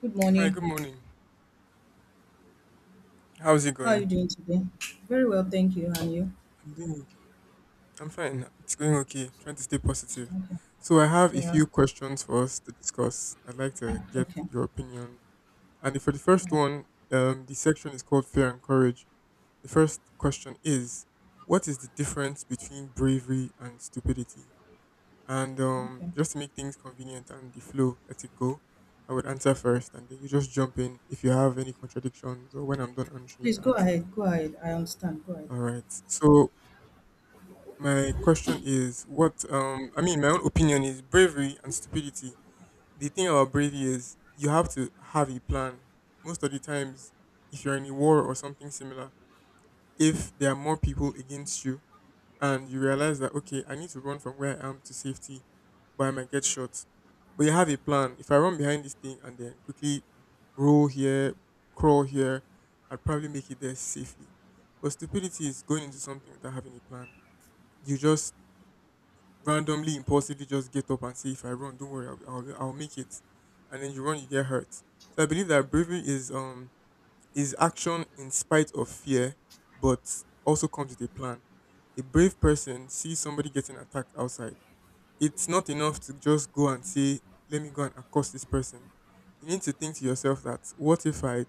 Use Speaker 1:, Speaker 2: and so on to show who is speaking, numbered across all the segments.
Speaker 1: Good
Speaker 2: Hi, good
Speaker 1: morning.
Speaker 2: morning. How's it
Speaker 1: How are you
Speaker 2: going?
Speaker 1: doing today? Very well, thank you. And you?
Speaker 2: I'm doing okay. I'm fine. It's going okay. Trying to stay positive.
Speaker 1: Okay.
Speaker 2: So I have a
Speaker 1: Yeah.
Speaker 2: few questions for us to discuss. I'd like to get
Speaker 1: Okay.
Speaker 2: your opinion. And for the first
Speaker 1: Yeah.
Speaker 2: one, the section is called Fear and Courage. The first question is, what is the difference between bravery and stupidity? And
Speaker 1: Okay.
Speaker 2: just to make things convenient and the flow, let it go. I would answer first, and then you just jump in if you have any contradictions or when I'm done answering,
Speaker 1: Please
Speaker 2: you can
Speaker 1: go
Speaker 2: answer.
Speaker 1: ahead. Go ahead. I understand. Go ahead.
Speaker 2: All right. So my question is what I mean my own opinion is bravery and stupidity. The thing about bravery is you have to have a plan. Most of the times if you're in a war or something similar, if there are more people against you and you realize that okay, I need to run from where I am to safety, but I might get shot. But you have a plan. If I run behind this thing and then quickly roll here, crawl here, I'd probably make it there safely. But stupidity is going into something without having a plan. You just randomly, impulsively just get up and say, if I run, don't worry, I'll make it. And then you run, you get hurt. So I believe that bravery is action in spite of fear, but also comes with a plan. A brave person sees somebody getting attacked outside. It's not enough to just go and say, let me go and accost this person. You need to think to yourself that what if I,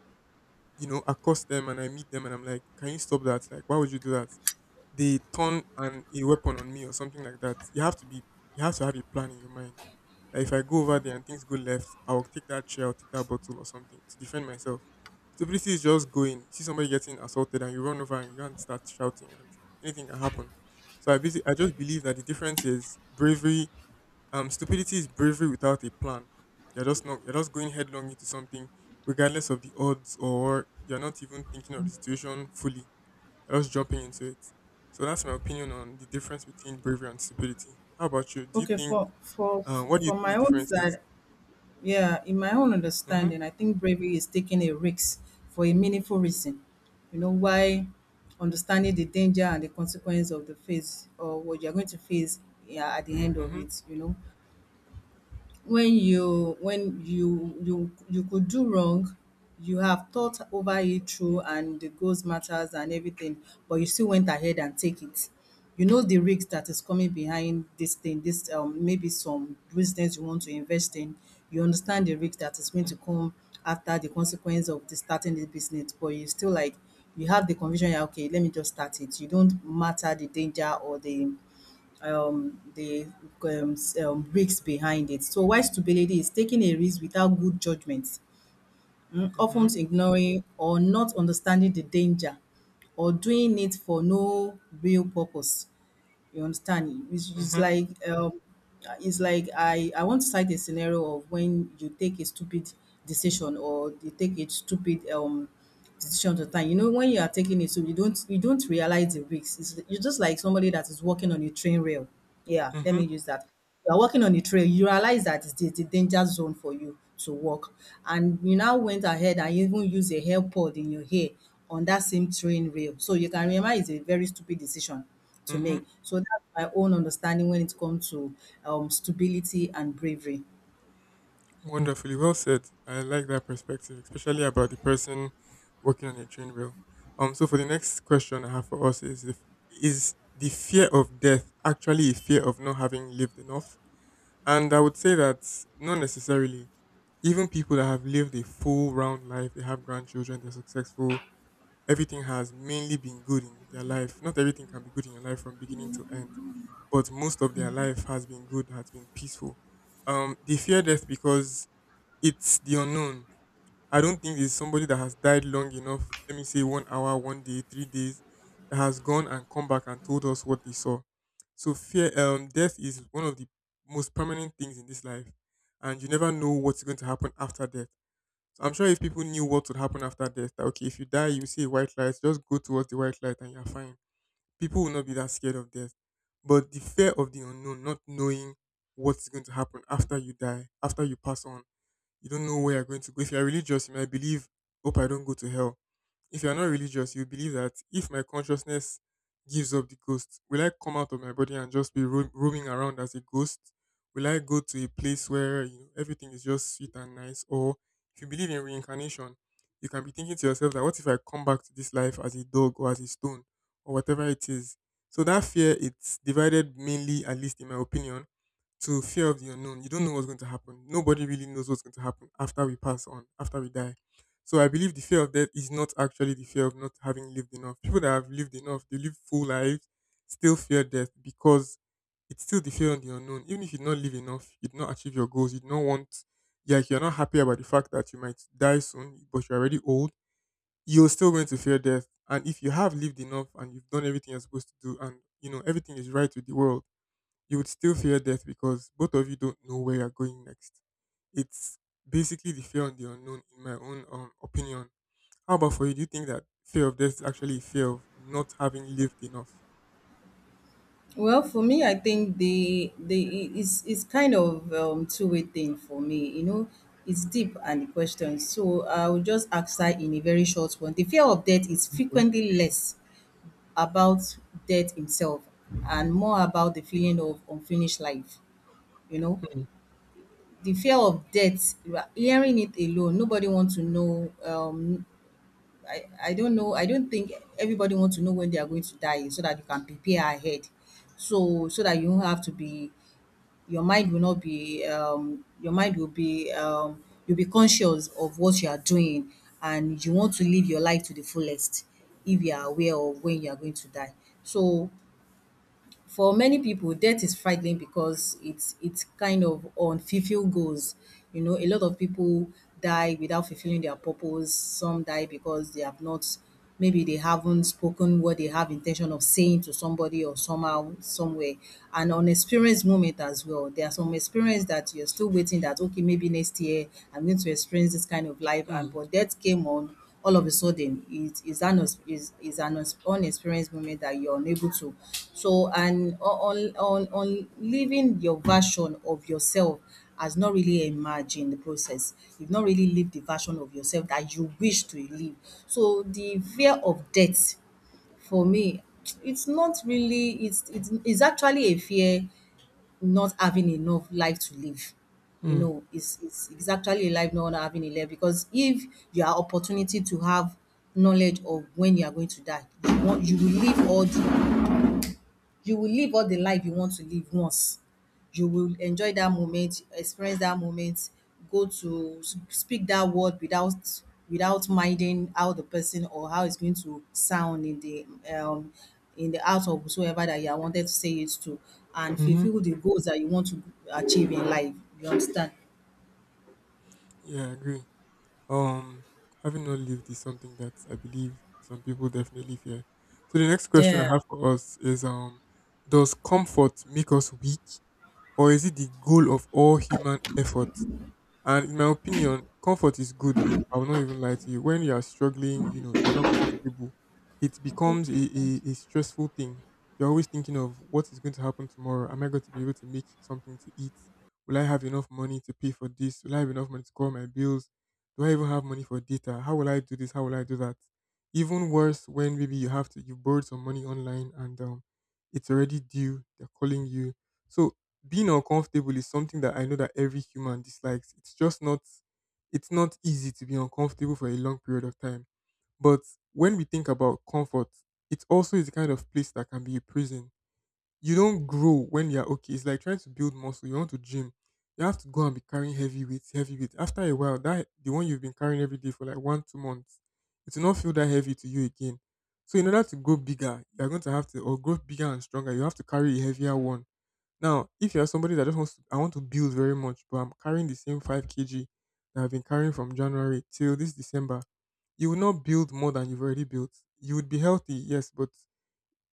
Speaker 2: accost them and I meet them and I'm like, can you stop that? Like, why would you do that? They turn an a weapon on me or something like that. You have to have a plan in your mind. That if I go over there and things go left, I'll take that chair, I'll take that bottle or something to defend myself. Stupidity is just going. You see somebody getting assaulted and you run over and you can't start shouting and anything can happen. So I basically, I just believe that the difference is bravery. Stupidity is bravery without a plan. You're just not You're just going headlong into something, regardless of the odds, or you're not even thinking of the situation fully, you're just jumping into it. So that's my opinion on the difference between bravery and stupidity. How about you? Do you
Speaker 1: Okay.
Speaker 2: think?
Speaker 1: For for
Speaker 2: What do you
Speaker 1: for
Speaker 2: think
Speaker 1: my
Speaker 2: the
Speaker 1: own
Speaker 2: difference is?
Speaker 1: side, yeah, in my own
Speaker 2: Mhm.
Speaker 1: understanding, I think bravery is taking a risk for a meaningful reason. You know why? Understanding the danger and the consequence of the face or what you're going to face, yeah, at the end of
Speaker 2: Mhm.
Speaker 1: it. You know, when you could do wrong, you have thought over it through and the goals matters and everything, but you still went ahead and take it. You know the risk that is coming behind this thing, this maybe some business you want to invest in. You understand the risk that is going to come after the consequence of the starting the business, but you still like you have the conviction, yeah, okay, let me just start it. You don't matter the danger or the um, the risks behind it. So, why stupidity is taking a risk without good judgment, often
Speaker 2: Mhm.
Speaker 1: ignoring or not understanding the danger, or doing it for no real purpose. You understand? It's, it's
Speaker 2: Mhm.
Speaker 1: like um, it's like I want to cite a scenario of when you take a stupid decision or you take a stupid decision to time. You know when you are taking it, so you don't realize the risks. It's, you're just like somebody that is walking on a train rail. Yeah, let
Speaker 2: Mhm.
Speaker 1: me use that. You are walking on the trail. You realize that it's the danger zone for you to walk, and you now went ahead and even used a hair pod in your hair on that same train rail. So you can remember it's a very stupid decision to
Speaker 2: Mhm.
Speaker 1: make. So that's my own understanding when it comes to stability and bravery.
Speaker 2: Wonderfully well said. I like that perspective, especially about the person working on a train rail. So for the next question I have for us is, if, is the fear of death actually a fear of not having lived enough? And I would say that not necessarily. Even people that have lived a full round life, they have grandchildren, they're successful, everything has mainly been good in their life. Not everything can be good in your life from beginning to end, but most of their life has been good, has been peaceful. They fear death because it's the unknown. I don't think there's somebody that has died long enough, let me say 1 hour, 1 day, 3 days, that has gone and come back and told us what they saw. So fear death is one of the most permanent things in this life. And you never know what's going to happen after death. So I'm sure if people knew what would happen after death, that okay, if you die, you see a white light, just go towards the white light and you're fine. People will not be that scared of death. But the fear of the unknown, not knowing what's going to happen after you die, after you pass on, you don't know where you're going to go. If you're religious, you might believe, hope I don't go to hell. If you are not religious, you believe that if my consciousness gives up the ghost, will I come out of my body and just be roaming around as a ghost? Will I go to a place where you know everything is just sweet and nice? Or if you believe in reincarnation, you can be thinking to yourself that what if I come back to this life as a dog or as a stone or whatever it is? So that fear, it's divided mainly, at least in my opinion, to fear of the unknown. You don't know what's going to happen. Nobody really knows what's going to happen after we pass on, after we die. So I believe the fear of death is not actually the fear of not having lived enough. People that have lived enough, they live full lives, still fear death because it's still the fear of the unknown. Even if you don't live enough, you do not achieve your goals, you do not want, yeah, if you're not happy about the fact that you might die soon, but you're already old, you're still going to fear death. And if you have lived enough and you've done everything you're supposed to do and, you know, everything is right with the world, you would still fear death because both of you don't know where you're going next. It's basically the fear of the unknown, in my own opinion. How about for you? Do you think that fear of death is actually a fear of not having lived enough?
Speaker 1: Well, for me, I think it's is kind of two-way thing for me. You know, it's deep and the question. So I will just answer in a very short one. The fear of death is
Speaker 2: Okay.
Speaker 1: frequently less about death himself and more about the feeling of unfinished life. You know,
Speaker 2: Mm,
Speaker 1: the fear of death. You are hearing it alone, nobody wants to know. I don't know. I don't think everybody wants to know when they are going to die so that you can prepare ahead. So so that you don't have to be your mind will not be your mind will be you'll be conscious of what you are doing and you want to live your life to the fullest if you are aware of when you are going to die. So for many people, debt is frightening because it's kind of unfulfilled goals. You know, a lot of people die without fulfilling their purpose. Some die because they have not, maybe they haven't spoken what they have intention of saying to somebody or somehow, somewhere. And unexperienced moment as well. There are some experience that you're still waiting that okay, maybe next year I'm going to experience this kind of life. And
Speaker 2: mm,
Speaker 1: but death came on all of a sudden it is an unexperienced moment that you're unable to so and on living your version of yourself has not really emerged in the process, you've not really lived the version of yourself that you wish to live. So the fear of death for me it's it's actually a fear not having enough life to live. You
Speaker 2: mm,
Speaker 1: know, it's it's actually a life not having a life, because if you are opportunity to have knowledge of when you are going to die, you want you will live all the life you want to live once, you will enjoy that moment, experience that moment, go to speak that word without without minding how the person or how it's going to sound um in the out of whosoever that you are wanted to say it to, and
Speaker 2: mm-hmm.
Speaker 1: fulfill the goals that you want to achieve in life, you understand.
Speaker 2: Yeah, I agree. Um, Having not lived is something that I believe some people definitely fear. So the next question I
Speaker 1: Yeah.
Speaker 2: have for us is does comfort make us weak, or is it the goal of all human effort? And in my opinion, comfort is good. Oh, I will not even lie to you. When you are struggling, you know, you're not comfortable. It
Speaker 1: I
Speaker 2: becomes
Speaker 1: think-
Speaker 2: a stressful thing. You're always thinking of what is going to happen tomorrow. Am I going to be able to make something to eat? Will I have enough money to pay for this? Will I have enough money to cover my bills? Do I even have money for data? How will I do this? How will I do that? Even worse, when maybe you have to, you borrowed some money online and it's already due. They're calling you. So being uncomfortable is something that I know that every human dislikes. It's not easy to be uncomfortable for a long period of time. But when we think about comfort, it also is a kind of place that can be a prison. You don't grow when you're okay. It's like trying to build muscle. You want to gym. You have to go and be carrying heavy weights, heavy weights. After a while, that the one you've been carrying every day for like one, 2 months, it will not feel that heavy to you again. So in order to grow bigger, you're going to have to, or grow bigger and stronger, you have to carry a heavier one. Now, if you're somebody that just wants to, I want to build very much, but I'm carrying the same 5 kg that I've been carrying from January till this December, you will not build more than you've already built. You would be healthy, yes, but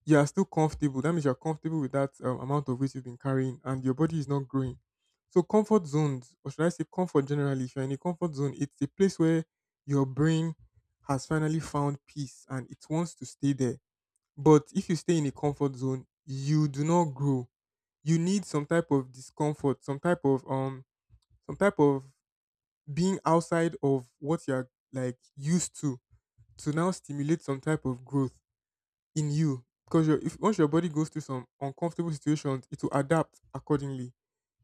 Speaker 2: you are still comfortable. That means you're comfortable with that amount of weight you've been carrying and your body is not growing. So, comfort zones, or should I say comfort generally, if you're in a comfort zone, it's a place where your brain has finally found peace and it wants to stay there. But if you stay in a comfort zone, you do not grow. You need some type of discomfort, some type of some type of being outside of what you're like used to now stimulate some type of growth in you because your if once your body goes through some uncomfortable situations, it will adapt accordingly.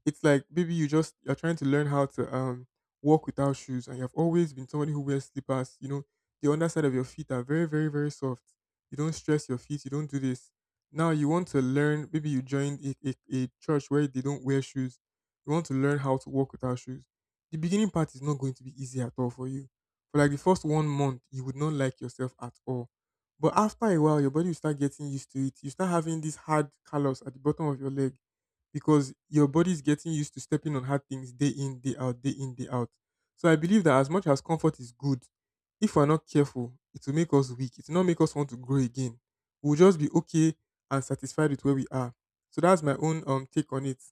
Speaker 2: It's like maybe you're trying to learn how to walk without shoes, and you've always been somebody who wears slippers. You know, the underside of your feet are very, very, very soft. You don't stress your feet. You don't do this. Now you want to learn. Maybe you joined a church where they don't wear shoes. You want to learn how to walk without shoes. The beginning part is not going to be easy at all for you. For like the first 1 month, you would not like yourself at all. But after a while, your body will start getting used to it. You start having this hard callus at the bottom of your leg because your body is getting used to stepping on hard things day in, day out, day in, day out. So I believe that as much as comfort is good, if we're not careful, it will make us weak. It will not make us want to grow again. We'll just be okay and satisfied with where we are. So that's my own take on it.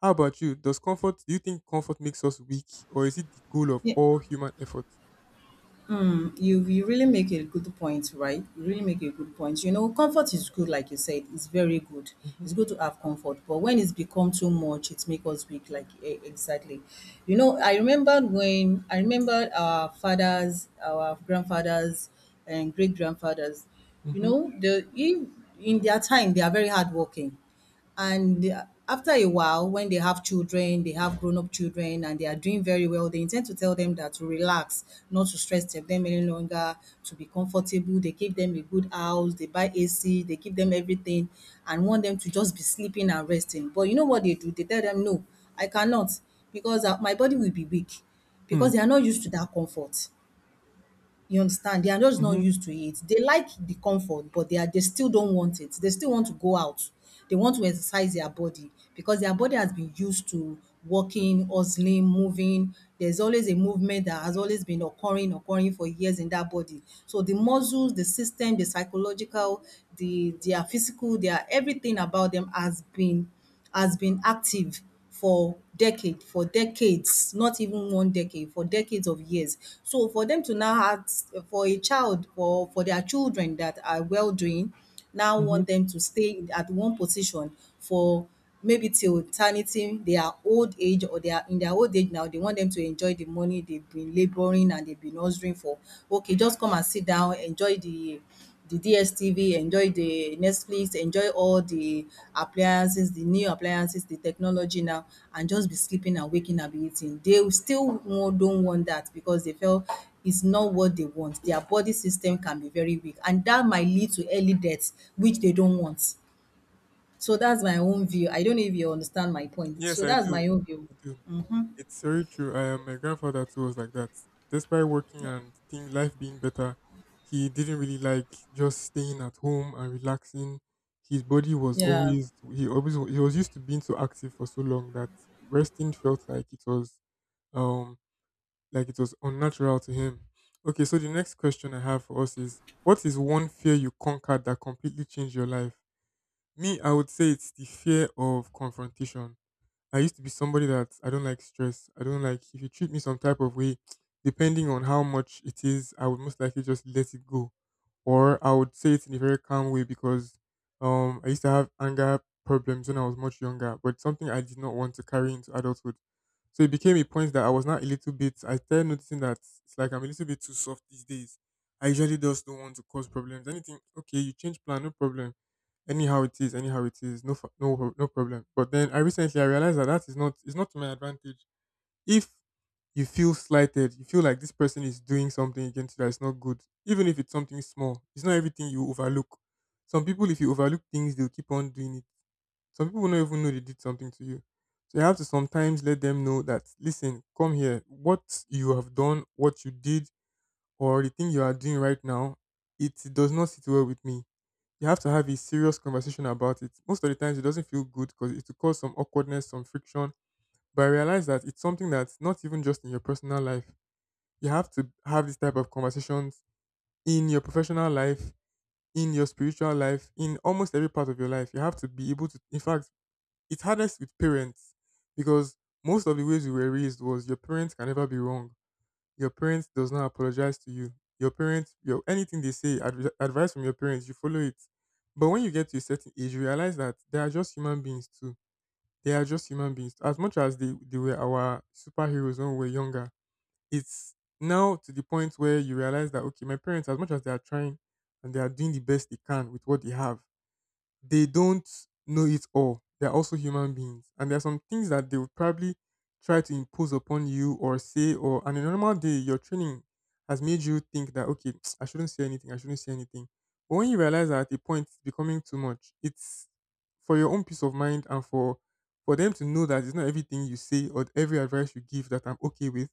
Speaker 2: How about you? Does comfort Do you think comfort makes us weak, or is it the goal of
Speaker 1: yeah,
Speaker 2: all human effort?
Speaker 1: you you really make a good point, right? You really make a good point. You know, comfort is good, like you said, it's very good,
Speaker 2: Mm-hmm,
Speaker 1: it's good to have comfort, but when it's become too much it makes us weak, like exactly. You know, I remembered when I remembered our fathers, our grandfathers and great grandfathers. You
Speaker 2: mm-hmm,
Speaker 1: know, the in their time they are very hardworking, and after a while, when they have children, they have grown up children, and they are doing very well, they intend to tell them that to relax, not to stress them any longer, to be comfortable. They give them a good house, they buy AC, they give them everything, and want them to just be sleeping and resting. But you know what they do? They tell them, no, I cannot because my body will be weak
Speaker 2: hmm,
Speaker 1: because they are not used to that comfort. You understand? They are just not
Speaker 2: mm-hmm,
Speaker 1: used to it. They like the comfort, but they still don't want it. They still want to go out. They want to exercise their body because their body has been used to walking, hustling, moving. There's always a movement that has always been occurring, occurring for years in that body. So the muscles, the system, the psychological, their physical, their everything about them has been active for decades, not even one decade, for decades of years. So for them to now ask for a child or for their children that are well doing, now
Speaker 2: mm-hmm.
Speaker 1: want them to stay at one position for maybe till eternity, their old age or their in their old age, now they want them to enjoy the money they've been labouring and they've been hustling for. Okay, just come and sit down, enjoy the DSTV, enjoy the Netflix, enjoy all the appliances, the new appliances, the technology now, and just be sleeping and waking and be eating. They will still won don't want that because they feel it's not what they want. Their body system can be very weak, and that might lead to early death, which they don't want. So that's my own view. I don't know if you understand my point.
Speaker 2: Yes,
Speaker 1: So
Speaker 2: I
Speaker 1: that's
Speaker 2: do.
Speaker 1: my own view.
Speaker 2: I do. It's very true. I am My grandfather too was like that. Despite working and think life being better, he didn't really like just staying at home and relaxing. His body was
Speaker 1: Yeah.
Speaker 2: always he was used to being so active for so long that resting felt um like it was unnatural to him. Okay, so the next question I have for us is, what is one fear you conquered that completely changed your life? Me, I would say it's the fear of confrontation. I used to be somebody that I don't like stress. I don't like if you treat me some type of way, depending on how much it is, I would most likely just let it go. Or I would say it in a very calm way, because I used to have anger problems when I was much younger, but something I did not want to carry into adulthood. So it became a point that I was not a little bit I started noticing that it's like I'm a little bit too soft these days. I usually just don't want to cause problems. Anything okay, you change plan, no problem, anyhow it is, no, no, no problem. But then I recently I realized that that is not, it's not to my advantage. If you feel slighted, you feel like this person is doing something against you that is not good, even if it's something small. It's not everything you overlook. Some people, if you overlook things, they'll keep on doing it. Some people don't even know they did something to you. So you have to sometimes let them know that, listen, come here. What you have done, what you did, or the thing you are doing right now, it does not sit well with me. You have to have a serious conversation about it. Most of the times, it doesn't feel good because it will cause some awkwardness, some friction. But I realize that it's something that's not even just in your personal life. You have to have this type of conversations in your professional life, in your spiritual life, in almost every part of your life. You have to be able to, in fact, it's hardest with parents, because most of the ways we were raised was your parents can never be wrong, your parents does not apologize to you. Your parents, your anything they say, advice from your parents, you follow it. But when you get to a certain age, you realize that they are just human beings too. They are just human beings. As much as they were our superheroes when we were younger, it's now to the point where you realize that, okay, my parents, as much as they are trying and they are doing the best they can with what they have, they don't know it all. They're also human beings. And there are some things that they would probably try to impose upon you or say, or on a normal day, your training has made you think that, okay, I shouldn't say anything, I shouldn't say anything. But when you realize that at a point it's becoming too much, it's for your own peace of mind and for them to know that it's not everything you say or every advice you give that I'm okay with.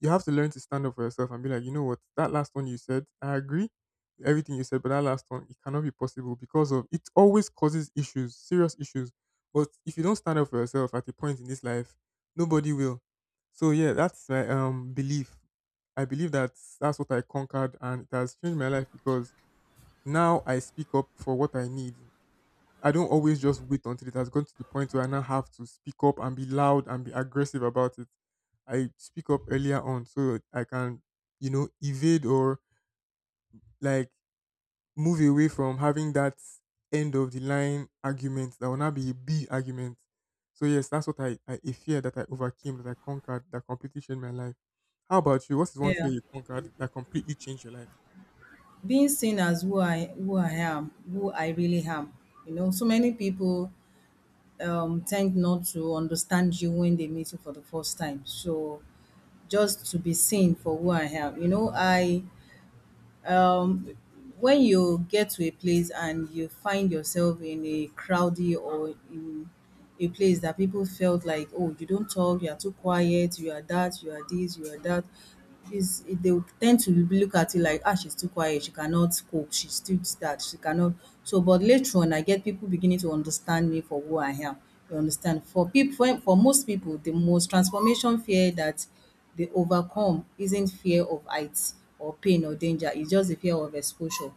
Speaker 2: You have to learn to stand up for yourself and be like, you know what, that last one you said, I agree with everything you said, but that last one, it cannot be possible, because of it always causes issues, serious issues. But if you don't stand up for yourself at a point in this life, nobody will. So yeah, that's my belief. I believe that that's what I conquered, and it has changed my life because now I speak up for what I need. I don't always just wait until it has gone to the point where I now have to speak up and be loud and be aggressive about it. I speak up earlier on, so I can, evade or like move away from having that end of the line argument that will now be a B argument. So yes, that's what I a fear that I overcame, that I conquered, that completely changed my life. How about you? What is one
Speaker 1: Yeah.
Speaker 2: fear you conquered that completely changed your life?
Speaker 1: Being seen as who I am, who I really am. You know, so many people tend not to understand you when they meet you for the first time. So just to be seen for who I am. You know, I um, when you get to a place and you find yourself in a crowdy or in a place that people felt like, oh, you don't talk, you are too quiet, you are that, you are this, you are that is, they would tend to look at you like, ah, she's too quiet, she cannot cope, she's too that, she cannot. So but later on I get people beginning to understand me for who I am. You understand, for people, for most people, the most transformation fear that they overcome isn't fear of heights or pain or danger. It's just the fear of exposure.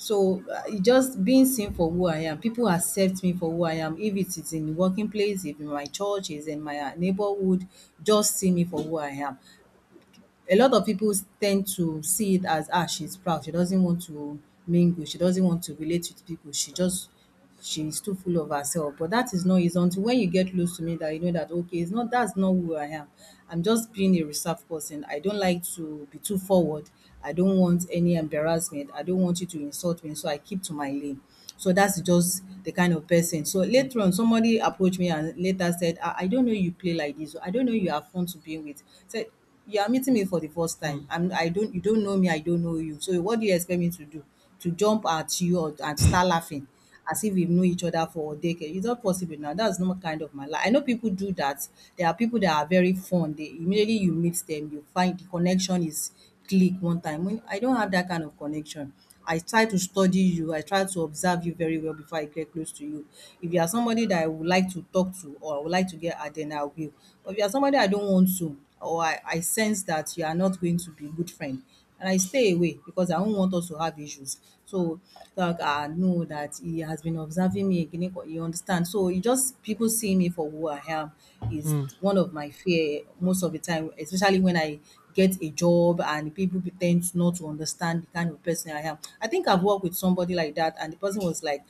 Speaker 1: So it just being seen for who I am. People accept me for who I am. If it is in the working place, if in my church, is in my neighborhood, just see me for who I am. A lot of people tend to see it as, ah, she's proud, she doesn't want to mingle, she doesn't want to relate with people, she just, she's too full of herself. But that is not it. Until when you get close to me, that you know that, okay, it's not, that's not who I am. I'm just being a reserved person. I don't like to be too forward. I don't want any embarrassment, I don't want you to insult me, so I keep to my lane. So that's just the kind of person. So
Speaker 2: Hmm,
Speaker 1: later on, somebody approached me and later said, ah, I don't know you play like this, I don't know you have fun to be with. Said, you are meeting me for the first time.
Speaker 2: hmm,
Speaker 1: I don't, you don't know me, I don't know you, so what do you expect me to do? To jump at you or and start laughing as if we know each other for a decade? It's not possible. Now that's not kind of my life. I know people do that. There are people that are very fun. They, immediately you meet them, you find the connection is click, one time. When I don't have that kind of connection, I try to study you, I try to observe you very well before I get close to you. If you are somebody that I would like to talk to or I would like to get at, then I will. But if you are somebody I don't want to, or I sense that you are not going to be a good friend, and I stay away because I do not want us to have issues. So like I know that he has been observing me again, you understand. So e, just people seeing me for who I am is
Speaker 2: hmm,
Speaker 1: one of my fear most of the time, especially when I get a job and people be ten not to understand the kind of person I am. I think I've worked with somebody like that, and the person was like,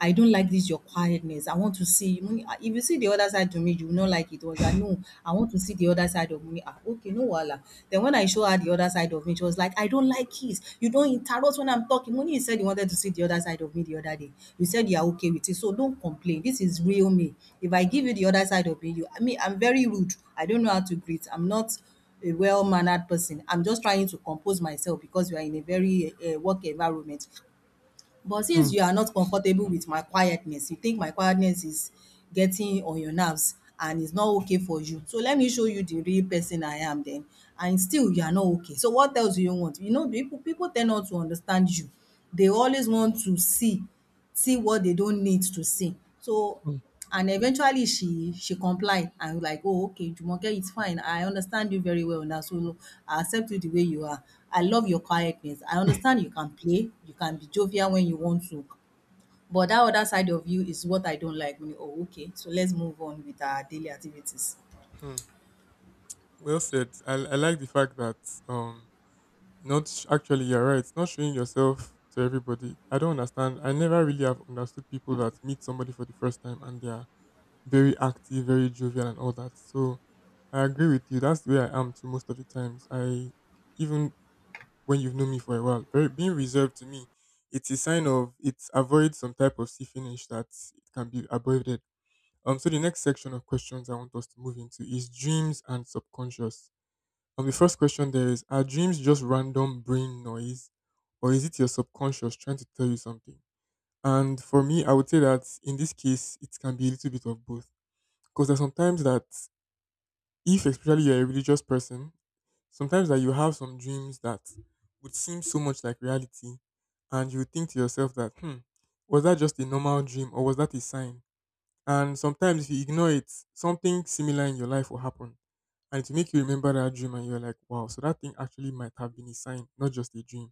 Speaker 1: I don't like this, your quietness. I want to see Munny, ah, if you see the other side to me, you will not like it. Was I, no, I want to see the other side of Munny. Ah, okay, no wala. Then when I show her the other side of me, she was like, I don't like kiss. You don't interrupt when I'm talking. Munny, you said you wanted to see the other side of me the other day. You said you are okay with it. So don't complain. This is real me. If I give you the other side of me, you, I mean, I'm very rude. I don't know how to greet. I'm not a well-mannered person. I'm just trying to compose myself because we are in a very work environment. But
Speaker 2: hmm,
Speaker 1: since you are not comfortable with my quietness, you think my quietness is getting on your nerves and it's not okay for you. So let me show you the real person I am then. And still you are not okay. So what else do you want? You know, people tend not to understand you. They always want to see, see what they don't need to see. So
Speaker 2: hmm.
Speaker 1: and eventually she complied and like, "Oh, okay Jumoke, it's fine. I understand you very well now, so look, I accept you the way you are. I love your quietness. I understand you can play, you can be jovial when you want to, but that other side of you is what I don't like." Mo ní, "Oh, okay." So let's move on with our daily activities.
Speaker 2: Hmm. Well said. I like the fact that um Not sh- Actually, you're right. Not showing yourself to everybody. I don't understand. I never really have understood people that meet somebody for the first time and they are very active, very jovial, and all that. So I agree with you. That's the way I am too most of the times. I even when you've known me for a while, very being reserved to me, it's a sign of it's avoid some type of sea finish that it can be avoided. So the next section of questions I want us to move into is dreams and subconscious. And the first question there is, are dreams just random brain noise, or is it your subconscious trying to tell you something? And for me, I would say that in this case, it can be a little bit of both. Because there's sometimes that, if especially you're a religious person, sometimes that you have some dreams that would seem so much like reality, and you think to yourself that, hmm, was that just a normal dream, or was that a sign? And sometimes if you ignore it, something similar in your life will happen, and to make you remember that dream, and you're like, wow, so that thing actually might have been a sign, not just a dream.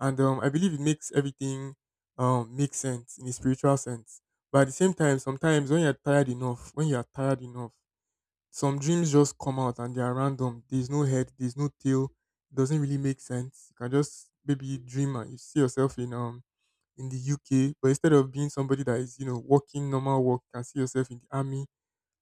Speaker 2: And I believe it makes everything make sense in a spiritual sense. But at the same time, sometimes when you're tired enough, when you're tired enough, some dreams just come out and they are random. There's no head, there's no tail. It doesn't really make sense. You can just maybe dream and you see yourself in the UK, but instead of being somebody that is, you know, walking normal work, you can see yourself in the army,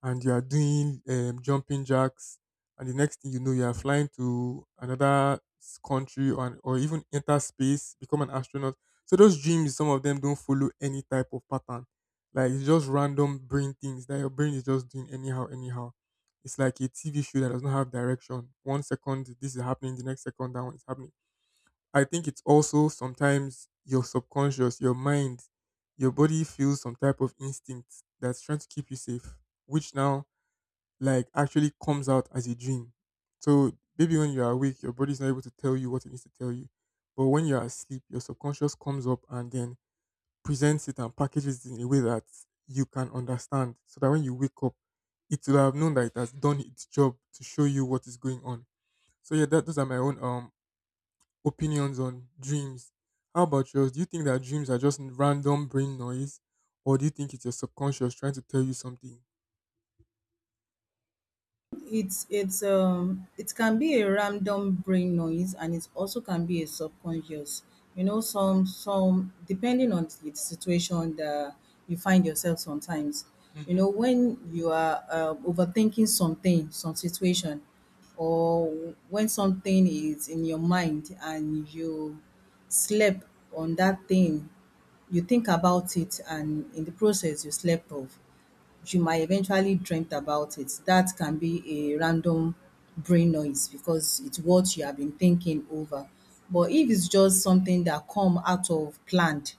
Speaker 2: and you are doing jumping jacks, and the next thing you know, you are flying to another country, or even enter space, become an astronaut. So those dreams, some of them don't follow any type of pattern. Like it's just random brain things that your brain is just doing anyhow, anyhow. It's like a TV show that does not have direction. One second this is happening, the next second that one is happening. I think it's also sometimes your subconscious, your mind, your body feels some type of instinct that's trying to keep you safe, which now like actually comes out as a dream. So maybe when you're awake, your body's not able to tell you what it needs to tell you. But when you're asleep, your subconscious comes up and then presents it and packages it in a way that you can understand. So that when you wake up, it will have known that it has done its job to show you what is going on. So yeah, that, those are my own opinions on dreams. How about yours? Do you think that dreams are just random brain noise, or do you think it's your subconscious trying to tell you something?
Speaker 1: It's it can be a random brain noise, and it also can be a subconscious. You know, some depending on the situation that you find yourself sometimes. You
Speaker 2: Hmm.
Speaker 1: know, when you are overthinking something, some situation, or when something is in your mind and you slept on that thing, you think about it and in the process you slept off, you might eventually dreamt about it. That can be a random brain noise because it's what you have been thinking over. But if it's just something that come out of planned,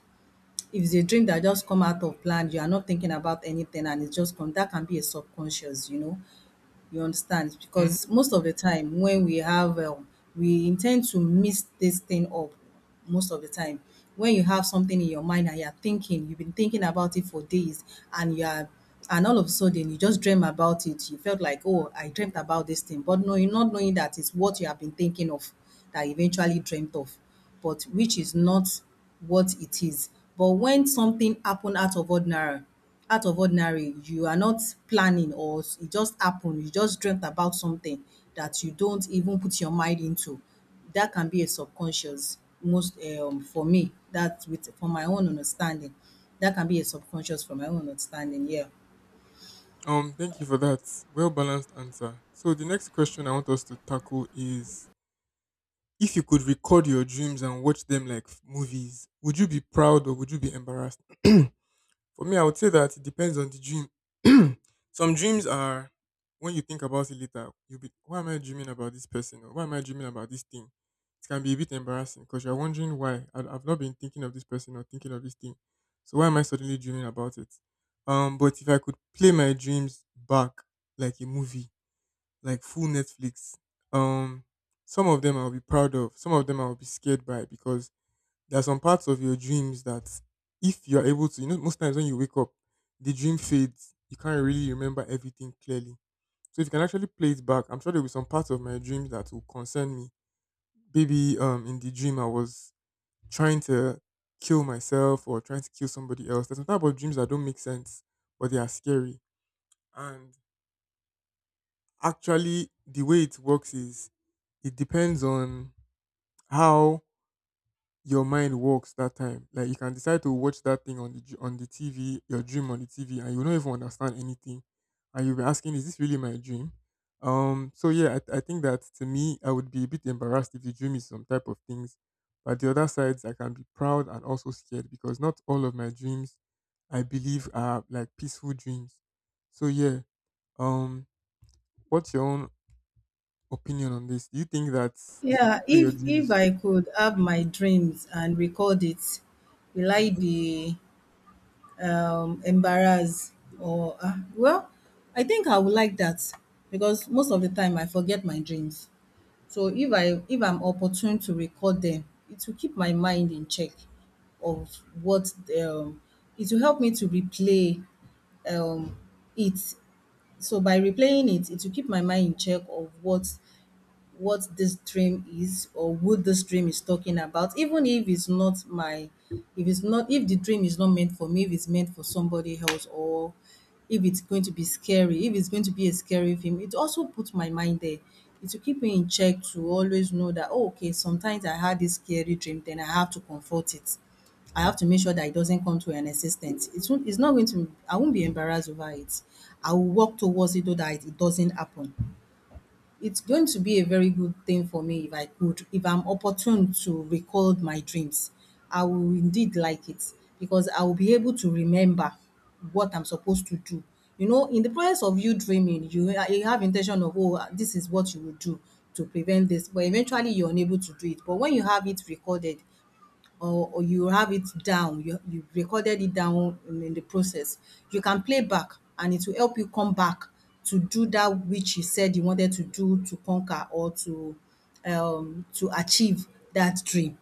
Speaker 1: if it's a dream that just come out of planned, you are not thinking about anything and it's just come, that can be a subconscious, you know, you understand.
Speaker 2: Hmm.
Speaker 1: Because most of the time when we have we intend to mix this thing up, most of the time when you have something in your mind and you're thinking, you've been thinking about it for days, and you are, and all of a sudden you just dream about it, you felt like, oh, I dreamt about this thing. But no, you're not knowing that it's what you have been thinking of that you eventually dreamt of, but which is not what it is. But when something happen out of ordinary, out of ordinary, you are not planning or it just happened. You just dreamt about something that you don't even put your mind into. That can be a subconscious most for me, that with for my own understanding. That can be a subconscious from my own understanding, yeah.
Speaker 2: Thank you for that well balanced answer. So the next question I want us to tackle is, if you could record your dreams and watch them like movies, would you be proud or would you be embarrassed? For me, I would say that it depends on the dream. Some dreams are, when you think about it later, you'll be, why am I dreaming about this person? Or why am I dreaming about this thing? It can be a bit embarrassing because you're wondering why. I've not been thinking of this person or thinking of this thing. So why am I suddenly dreaming about it? But if I could play my dreams back like a movie, like full Netflix. Um, some of them I'll be proud of, some of them I'll be scared by because there are some parts of your dreams that, if you are able to, you know, most times when you wake up, the dream fades. You can't really remember everything clearly. So if you can actually play it back, I'm sure there will be some parts of my dreams that will concern me. Maybe in the dream I was trying to kill myself or trying to kill somebody else. There's some type of dreams that don't make sense, but they are scary. And actually, the way it works is it depends on how your mind works that time. Like you can decide to watch that thing on the on the TV, your dream on the TV, and you will not even understand anything, and you'll be asking, "Is this really my dream?" So yeah, I think that to me, I would be a bit embarrassed if the dream is some type of things, but the other sides, I can be proud and also scared because not all of my dreams, I believe, are like peaceful dreams. So yeah. Um. What's your own opinion on this. Do you think that if you could
Speaker 1: Yeah,
Speaker 2: play your
Speaker 1: if if
Speaker 2: dreams,
Speaker 1: I could have my
Speaker 2: mhm,
Speaker 1: dreams and record it, will I
Speaker 2: mhm,
Speaker 1: be embarrassed or well, I think I would like that because most of the time I forget my dreams. So if I, if I'm opportune to record them, it will keep my mind in check of what, um it will help me to replay, um it. So by replaying it, it will keep my mind in check of what this dream is or what this dream is talking about. Even if it's not my, if it's not, if the dream is not meant for me, if it's meant for somebody else, or if it's going to be scary, if it's going to be a scary film, it also puts my mind there. It will keep me in check to always know that, oh, okay, sometimes I had this scary dream, then I have to comfort it. I have to make sure that it doesn't come to an existence. It's not going to, I won't be embarrassed over it. I will work towards it so that it doesn't happen. It's going to be a very good thing for me if I could, if I'm opportune to record my dreams. I will indeed like it because I will be able to remember what I'm supposed to do. You know, in the process of you dreaming, you, you have intention of, oh, this is what you will do to prevent this, but eventually you're unable to do it. But when you have it recorded, or you have it down, you recorded it down in the process, you can play back and it will help you come back to do that which you said you wanted to do, to conquer or to achieve that dream.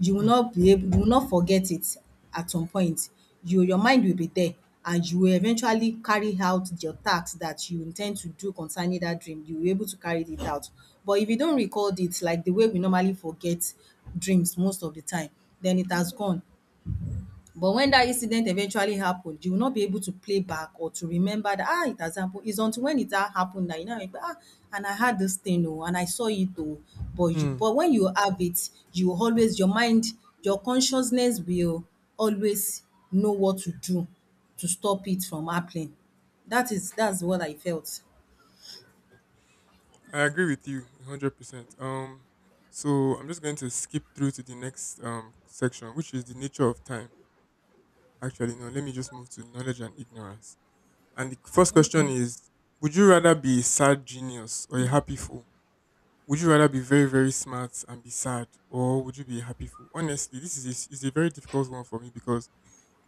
Speaker 1: You will
Speaker 2: mm,
Speaker 1: not be able, you will not forget it at some point. You, your mind will be there, and you will eventually carry out your task that you intend to do concerning that dream. You will be able to carry it out. But if you don't recalled it, like the way we normally forget dreams most of the time, then it has gone. But when that incident eventually happened, you will not be able to play back or to remember that, ah, it has happened. It's until when it ha happened that you know, remember, ah, and I had this thing oh, and I saw it oh. But you
Speaker 2: mm.
Speaker 1: but when you have it, you will always, your mind, your consciousness will always know what to do to stop it from happening. That is, that's what I felt.
Speaker 2: I agree with you 100%. So I'm just going to skip through to the next section, which is the nature of time. Actually, no, let me just move to knowledge and ignorance. And the first question is: would you rather be a sad genius or a happy fool? Would you rather be very very smart and be sad, or would you be a happy fool? Honestly, this is a very difficult one for me because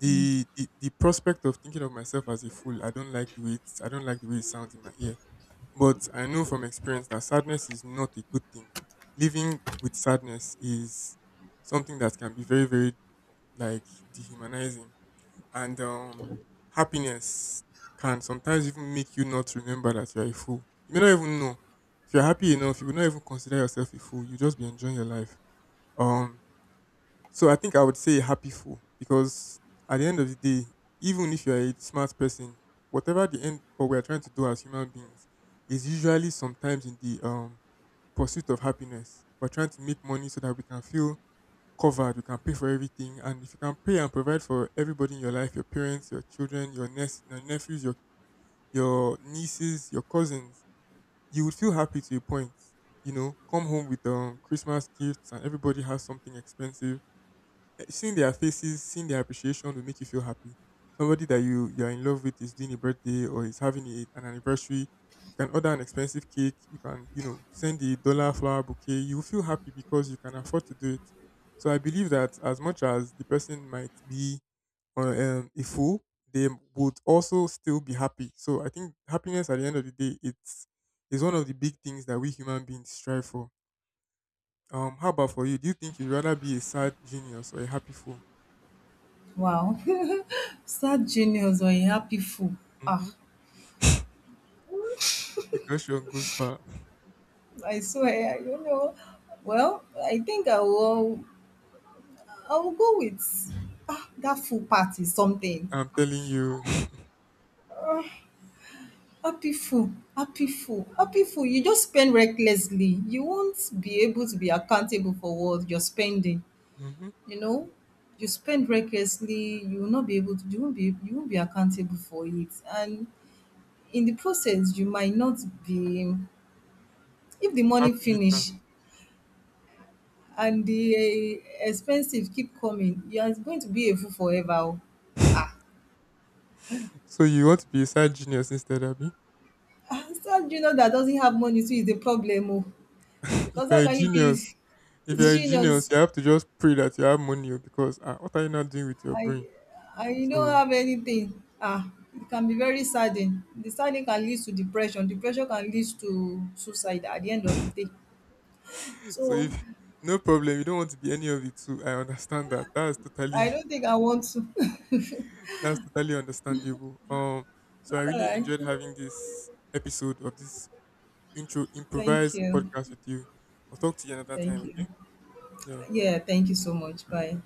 Speaker 2: the prospect of thinking of myself as a fool, I don't like the way I don't like the way it sounds in my ear. But I know from experience that sadness is not a good thing. Living with sadness is something that can be very, very, like, dehumanizing, and happiness can sometimes even make you not remember that you're a fool. You may not even know if you're happy enough. You will not even consider yourself a fool. You just be enjoying your life. Um, so I think I would say happy full because at the end of the day, even if you're a smart person, whatever the end or we're trying to do as human beings is usually sometimes in the pursuit of happiness. We're trying to make money so that we can feel covered, we can pay for everything. And if you can pay and provide for everybody in your life, your parents, your children, your your nephews, your nieces, your cousins, you would feel happy to a point. You know, come home with Christmas gifts and everybody has something expensive, eh, seeing their faces, seeing their appreciation will make you feel happy. Somebody that you are in love with is doing a birthday or is having a, an anniversary. You can order an expensive cake. You can you know send a dollar flower bouquet. You will feel happy because you can afford to do it. So I believe that as much as the person might be a fool, they would also still be happy. So I think happiness at the end of the day, it's is one of the big things that we human beings strive for. How about for you? Do you think you'd rather be a sad genius or a happy fool?
Speaker 1: Wow. Sad genius or a happy fool.
Speaker 2: Mhm.
Speaker 1: Ah,
Speaker 2: The question goes far.
Speaker 1: I swear, you know. Well, I think I will, I will go with, ah, that full party something.
Speaker 2: I'm telling you.
Speaker 1: Happy full, happy full, happy full. You just spend recklessly. You won't be able to be accountable for what you're spending.
Speaker 2: Mm-hmm.
Speaker 1: You know, you spend recklessly. You will not be able to. You won't be. You won't be accountable for it. And in the process, you might not be. If the money
Speaker 2: Happy later.
Speaker 1: finish and the eh, expenses keep coming, you are going to be a fool forever, oh. Ah,
Speaker 2: So you want to be a side genius instead, Abby?
Speaker 1: ah, so you know that doesn't have money, so is a problem. Oh.
Speaker 2: If
Speaker 1: Because
Speaker 2: you're
Speaker 1: how
Speaker 2: a
Speaker 1: can you be
Speaker 2: genius, if you're a genius,
Speaker 1: genius,
Speaker 2: you have to just pray that you have money oh, because ah, what are you not doing with your
Speaker 1: I
Speaker 2: brain?
Speaker 1: I you don't
Speaker 2: So,
Speaker 1: have anything? Ah, it can be very saddening. The saddening can lead to depression. Depression can lead to suicide at the end of the day.
Speaker 2: so
Speaker 1: So
Speaker 2: if no problem, you don't want to be any of the two. I understand that. That's totally
Speaker 1: I don't think I want to.
Speaker 2: that's totally understandable. So I
Speaker 1: All
Speaker 2: really
Speaker 1: right.
Speaker 2: enjoyed having this episode of this intro
Speaker 1: Thank
Speaker 2: improvised
Speaker 1: you.
Speaker 2: podcast with you. I'll talk to you another time.
Speaker 1: Thank you.
Speaker 2: Okay? Yeah.
Speaker 1: Yeah, thank you so much.
Speaker 2: Goodbye.
Speaker 1: Bye.